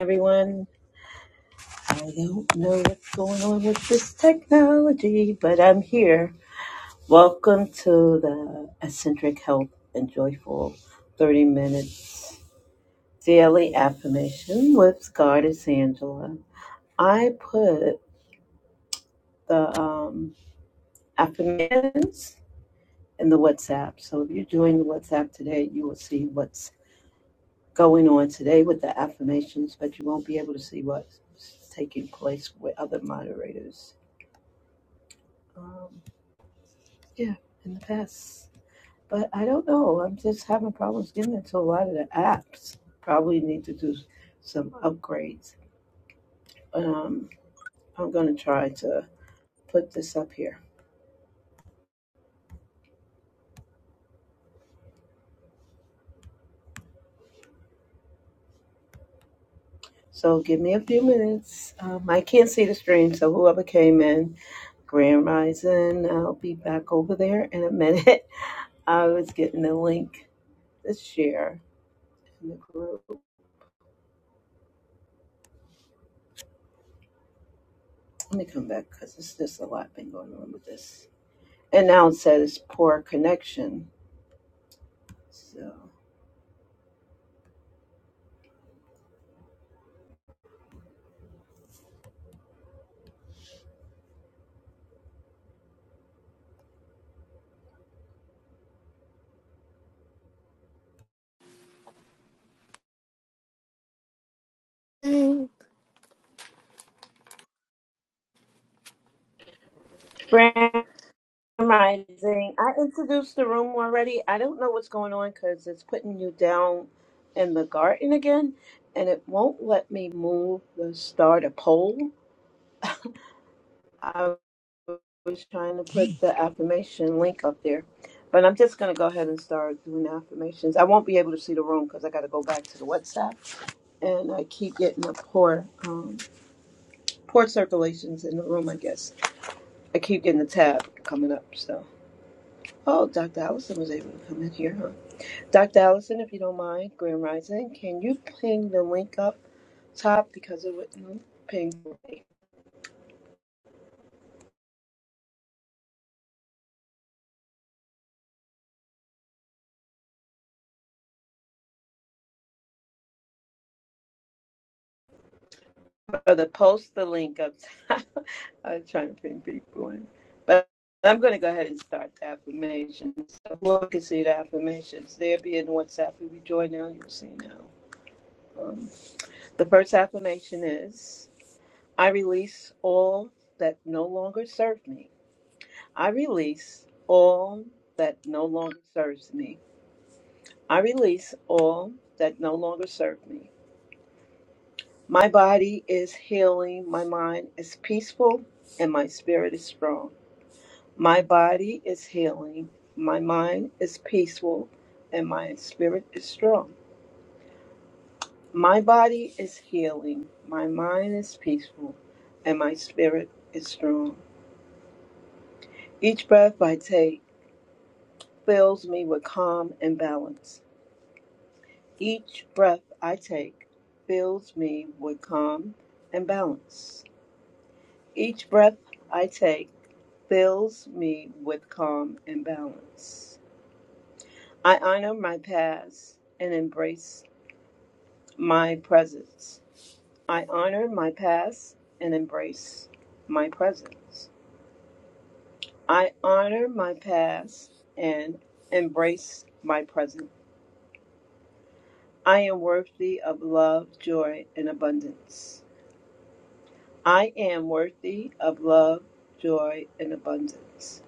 everyone. I don't know what's going on with this technology, but I'm here. Welcome to the Eccentric Health and Joyful 30 Minutes Daily Affirmation with Goddess Angela. I put the um, affirmations in the WhatsApp. So if you're doing the WhatsApp today, you will see what's going on today with the affirmations, but you won't be able to see what's taking place with other moderators. Um, Yeah, in the past. But I don't know. I'm just having problems getting into a lot of the apps. Probably need to do some upgrades. Um, I'm going to try to put this up here. So give me a few minutes. Um, I can't see the stream, so whoever came in, Grand Rising, I'll be back over there in a minute. I was getting the link to share in the group. Let me come back because it's just a lot been going on with this. And now it says poor connection. So. Mm. Grand Rising. I introduced the room already. I don't know what's going on because it's putting you down in the garden again, and it won't let me move the start a poll. I was trying to put the affirmation link up there, but I'm just going to go ahead and start doing the affirmations. I won't be able to see the room because I got to go back to the WhatsApp, and I keep getting a poor, um, poor circulations in the room. I guess I keep getting the tab coming up, so. Oh, Dr. Allison was able to come in here, huh? Dr. Allison, if you don't mind, Grand Rising, can you ping the link up top because it wouldn't ping me. Or the post the link up top. I was trying to ping people in. But I'm going to go ahead and start the affirmations. So we can see the affirmations. There be in WhatsApp. If you join now, you'll see now. Um, the first affirmation is I release all that no longer serve me. I release all that no longer serves me. I release all that no longer serve me. My body is healing, my mind is peaceful, and my spirit is strong. My body is healing, my mind is peaceful, and my spirit is strong. My body is healing, my mind is peaceful, and my spirit is strong. Each breath I take fills me with calm and balance. Each breath I take fills me with calm and balance. Each breath I take fills me with calm and balance. I honor my past and embrace my presence. I honor my past and embrace my presence. I honor my past and embrace my present. I am worthy of love, joy, and abundance. I am worthy of love, joy, and abundance.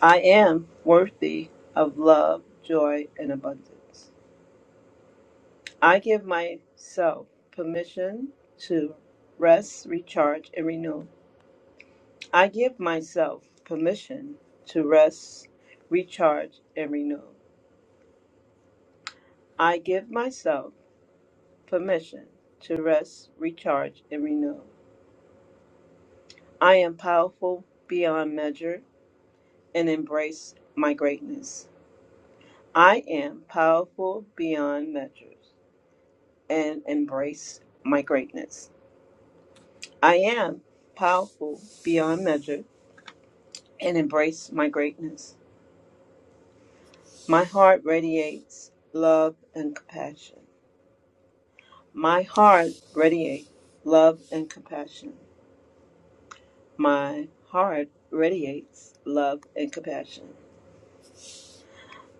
I am worthy of love, joy, and abundance. I give myself permission to rest, recharge, and renew. I give myself permission to rest, recharge, and renew. I give myself permission to rest, recharge, and renew. I am powerful beyond measure and embrace my greatness. I am powerful beyond measures and embrace my greatness. I am powerful beyond measure and embrace my greatness. My heart radiates love and compassion. My heart radiates love and compassion. My heart radiates love and compassion.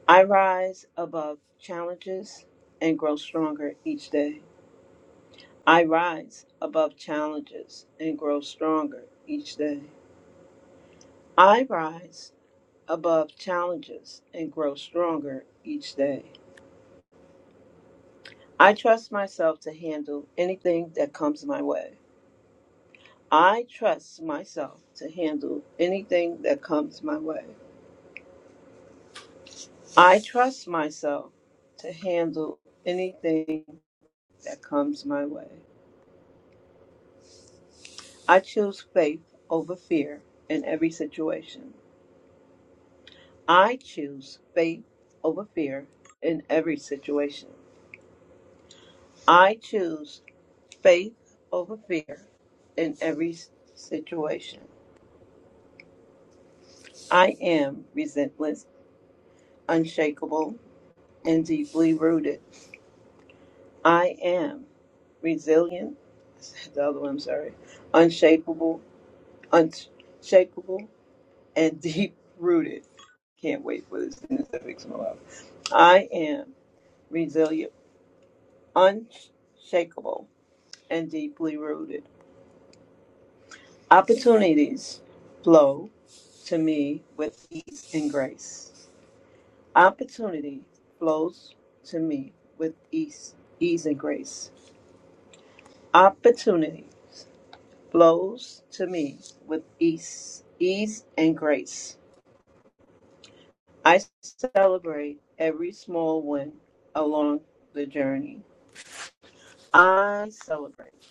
I rise above challenges and grow stronger each day. I rise above challenges and grow stronger each day. I rise above challenges and grow stronger each day. I trust myself to handle anything that comes my way. I trust myself to handle anything that comes my way. I trust myself to handle anything that comes my way. I choose faith over fear in every situation. I choose faith over fear in every situation. I choose faith over fear in every situation. I am relentless, unshakable, and deeply rooted. I am resilient, I said the other one, I'm sorry, unshakable, unshakable, and deep rooted. Can't wait for this sentence to fix my life. I am resilient, unshakable, and deeply rooted. Opportunities flow to me with ease and grace. Opportunity flows to me with ease, ease and grace. Opportunity flows to me with ease, ease and grace. I celebrate every small win along the journey. I celebrate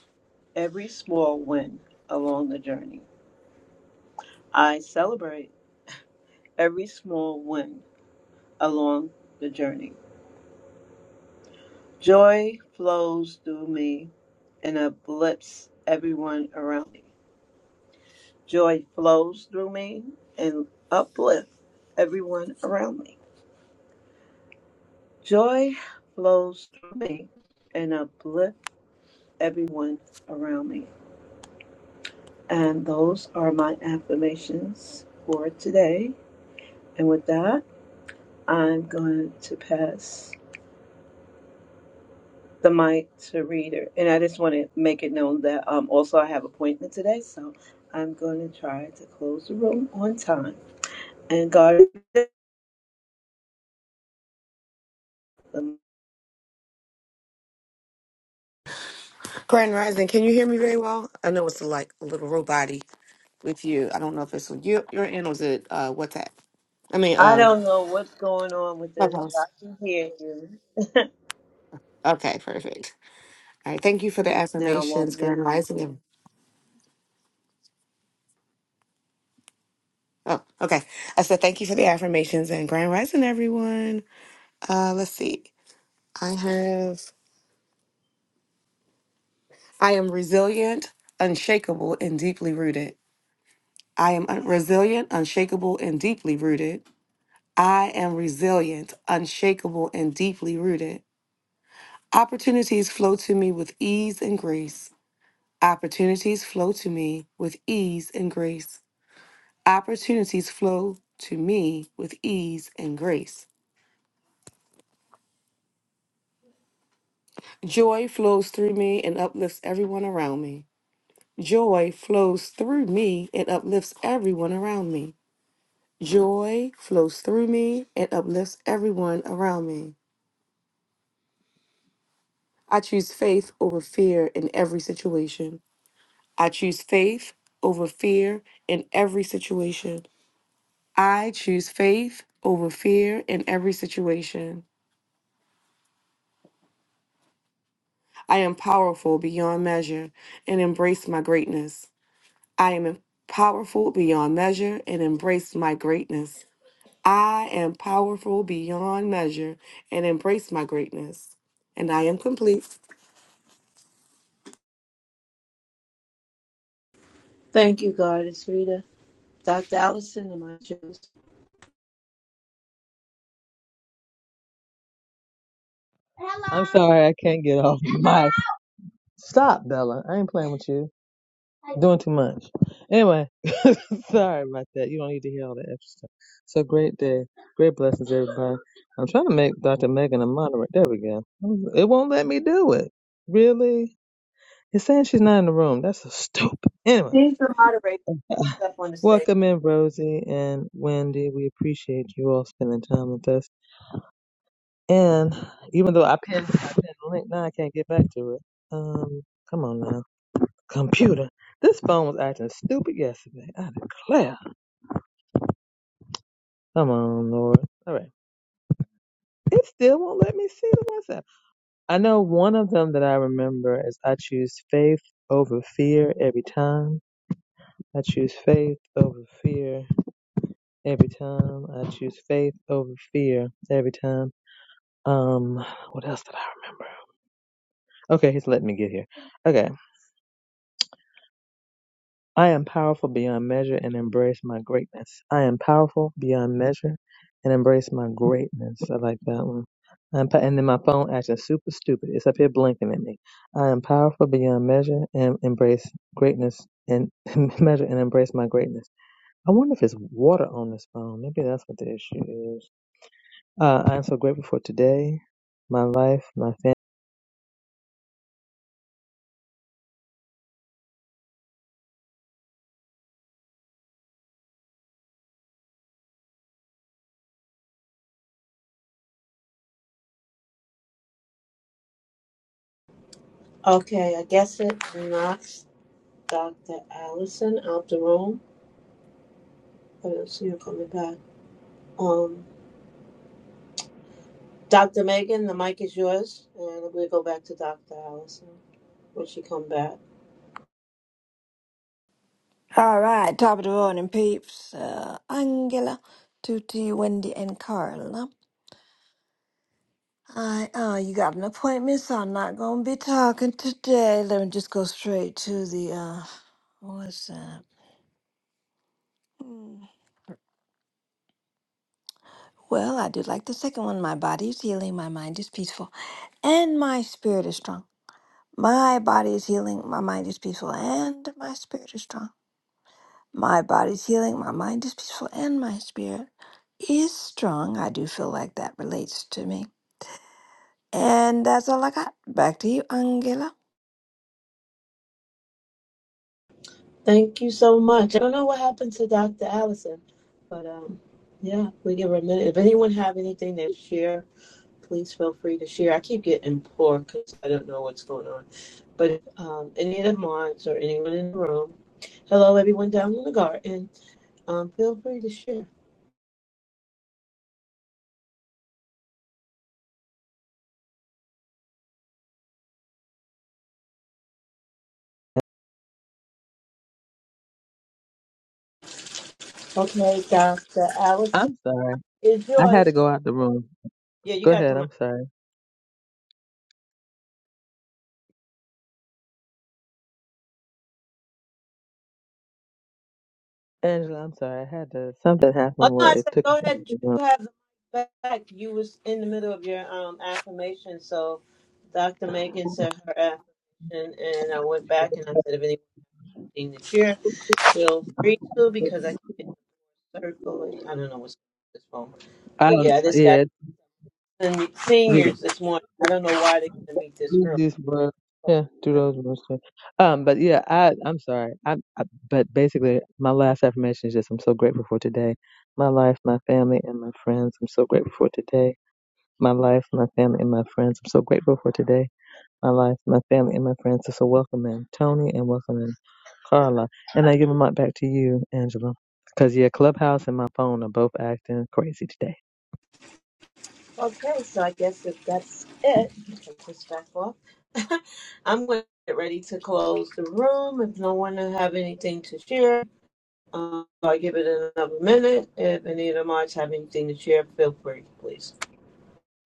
every small win along the journey. I celebrate every small win along the journey. Joy flows through me and uplifts everyone around me. Joy flows through me and uplifts everyone around me. Joy flows through me and uplifts everyone around me. And those are my affirmations for today. And with that, I'm going to pass the mic to Reader. And I just want to make it known that um, also I have an appointment today, so I'm going to try to close the room on time. And God, the Grand Rising, can you hear me very well? I know it's like a little roboty with you. I don't know if it's with you, your end or is it uh, WhatsApp? I mean, I uh, don't know what's going on with this, but I Clubhouse. can hear you. Okay, perfect. All right, thank you for the Now I affirmations, won't mute. Grand Rising. and- Oh, okay. I said thank you for the affirmations and Grand Rising, everyone. Uh, let's see. I have, I am resilient, unshakable, and deeply rooted. I am un- resilient, unshakable, and deeply rooted. I am resilient, unshakable, and deeply rooted. Opportunities flow to me with ease and grace. Opportunities flow to me with ease and grace. Opportunities flow to me with ease and grace. Joy flows through me and uplifts everyone around me. Joy flows through me and uplifts everyone around me. Joy flows through me and uplifts everyone around me. I choose faith over fear in every situation. I choose faith over fear in every situation. I choose faith over fear in every situation. I am powerful beyond measure and embrace my greatness. I am powerful beyond measure and embrace my greatness. I am powerful beyond measure and embrace my greatness. And I am complete. Thank you, God. It's Rita. Dr. Allison and my juice. I'm sorry I can't get off my mic. stop, Bella. I ain't playing with you. Doing too much. Anyway, sorry about that. You don't need to hear all that extra stuff. So great day. Great blessings, everybody. I'm trying to make Dr. Megan a moderate. There we go. It won't let me do it. Really? It's saying she's not in the room. That's so stupid. Anyway, She's the moderator. She's up on the stage. welcome in, Rosie and Wendy. We appreciate you all spending time with us. And even though I pinned, I pinned the link, now I can't get back to it. Um, come on now. Computer, this phone was acting stupid yesterday. I declare. Come on, Lord. All right. It still won't let me see the WhatsApp. I know one of them that I remember is I choose faith over fear every time. I choose faith over fear every time. I choose faith over fear every time. Um, what else did I remember? Okay, he's letting me get here. Okay. I am powerful beyond measure and embrace my greatness. I am powerful beyond measure and embrace my greatness. I like that one. I'm pa- and then my phone acting super stupid. It's up here blinking at me. I am powerful beyond measure and embrace greatness and measure and embrace my greatness. I wonder if it's water on this phone. Maybe that's what the issue is. Uh, I am so grateful for today, my life, my family. Okay, I guess it knocks Dr. Allison out the room. I don't see her coming back. Um, Dr. Megan, the mic is yours, and we'll go back to Dr. Allison when she come back. All right, top of the morning, peeps. Uh, Angela, Tutti, Wendy, and Carla. I, uh, you got an appointment, so I'm not gonna be talking today. Let me just go straight to the, uh, what's that? Hmm. Well, I do like the second one. My body is healing, my mind is peaceful, and my spirit is strong. My body is healing, my mind is peaceful, and my spirit is strong. My body's healing, my mind is peaceful, and my spirit is strong. I do feel like that relates to me. And that's all I got. Back to you, Angela. Thank you so much. I don't know what happened to Dr. Allison, but um, yeah, we give her a minute. If anyone have anything to share, please feel free to share. I keep getting poor because I don't know what's going on. But um, any of the mods or anyone in the room, hello everyone down in the garden. Um, feel free to share. Okay, Dr. Allison I'm sorry. is I had to yours. go out the room. Yeah, you Go got ahead. the I'm sorry. Angela, I'm sorry. I had to, something Oh happened no, where I it said took me. go out ahead. of the room. You have the mic back. You was in the middle of your um affirmation, so Dr. Megan said her affirmation, and I went back and I said if anything to share, feel free to because I keep getting circle. I don't know what's on this phone, I but don't. yeah, this guy Yeah, sending me yeah. seniors this morning. I don't know why they are going to meet this Use early. these words. Yeah, do those words. Too. Um, but yeah, I I'm sorry. I, I but basically, my last affirmation is just I'm so grateful for today, my life, my family, and my friends. I'm so grateful for today, my life, my family, and my friends. I'm so grateful for today. my life, my family, and my friends. So, so welcome in Tony and welcome in Carla. And I give them up back to you, Angela. Because, yeah, Clubhouse and my phone are both acting crazy today. Okay, so I guess if that's it, you can push back off. I'm going to get ready to close the room. If no one have anything to share, um, I'll give it another minute. If any of the mods have anything to share, feel free, please.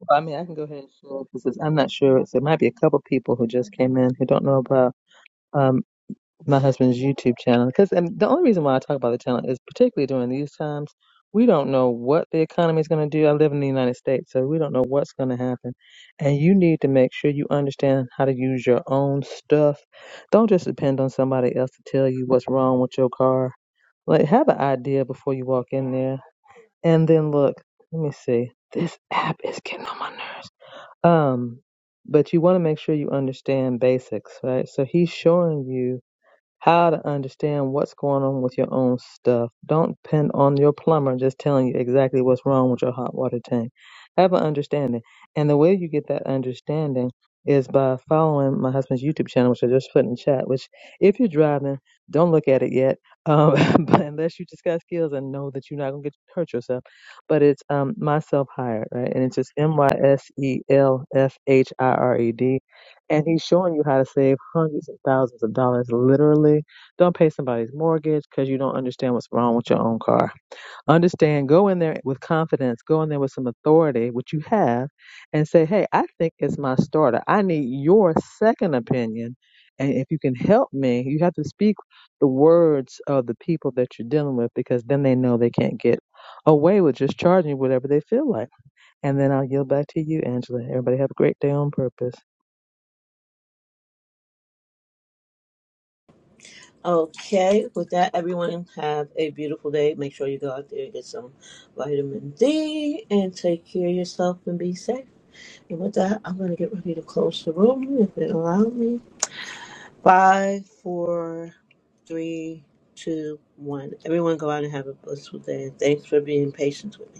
Well, I mean, I can go ahead and share because I'm not sure. So it might be a couple people who just came in who don't know about. um, my husband's YouTube channel because and the only reason why I talk about the channel is particularly during these times we don't know what the economy is going to do. I live in the United States, so we don't know what's going to happen. And you need to make sure you understand how to use your own stuff. Don't just depend on somebody else to tell you what's wrong with your car. Like have an idea before you walk in there. And then look, let me see. This app is getting on my nerves. Um, but you want to make sure you understand basics, right? So he's showing you how to understand what's going on with your own stuff. Don't depend on your plumber just telling you exactly what's wrong with your hot water tank. Have an understanding. And the way you get that understanding is by following my husband's YouTube channel, which I just put in chat, which if you're driving, don't look at it yet. Um, but unless you just got skills and know that you're not gonna get hurt yourself. But it's um myself hired, right? And it's just M Y S E L F H I R E D and he's showing you how to save hundreds and thousands of dollars literally don't pay somebody's mortgage because you don't understand what's wrong with your own car understand go in there with confidence go in there with some authority which you have and say hey i think it's my starter i need your second opinion and if you can help me you have to speak the words of the people that you're dealing with because then they know they can't get away with just charging you whatever they feel like and then i'll yield back to you angela everybody have a great day on purpose Okay, with that, everyone have a beautiful day. Make sure you go out there and get some vitamin D and take care of yourself and be safe. And with that, I'm going to get ready to close the room if it allows me. Five, four, three, two, one. Everyone go out and have a blissful day. And thanks for being patient with me.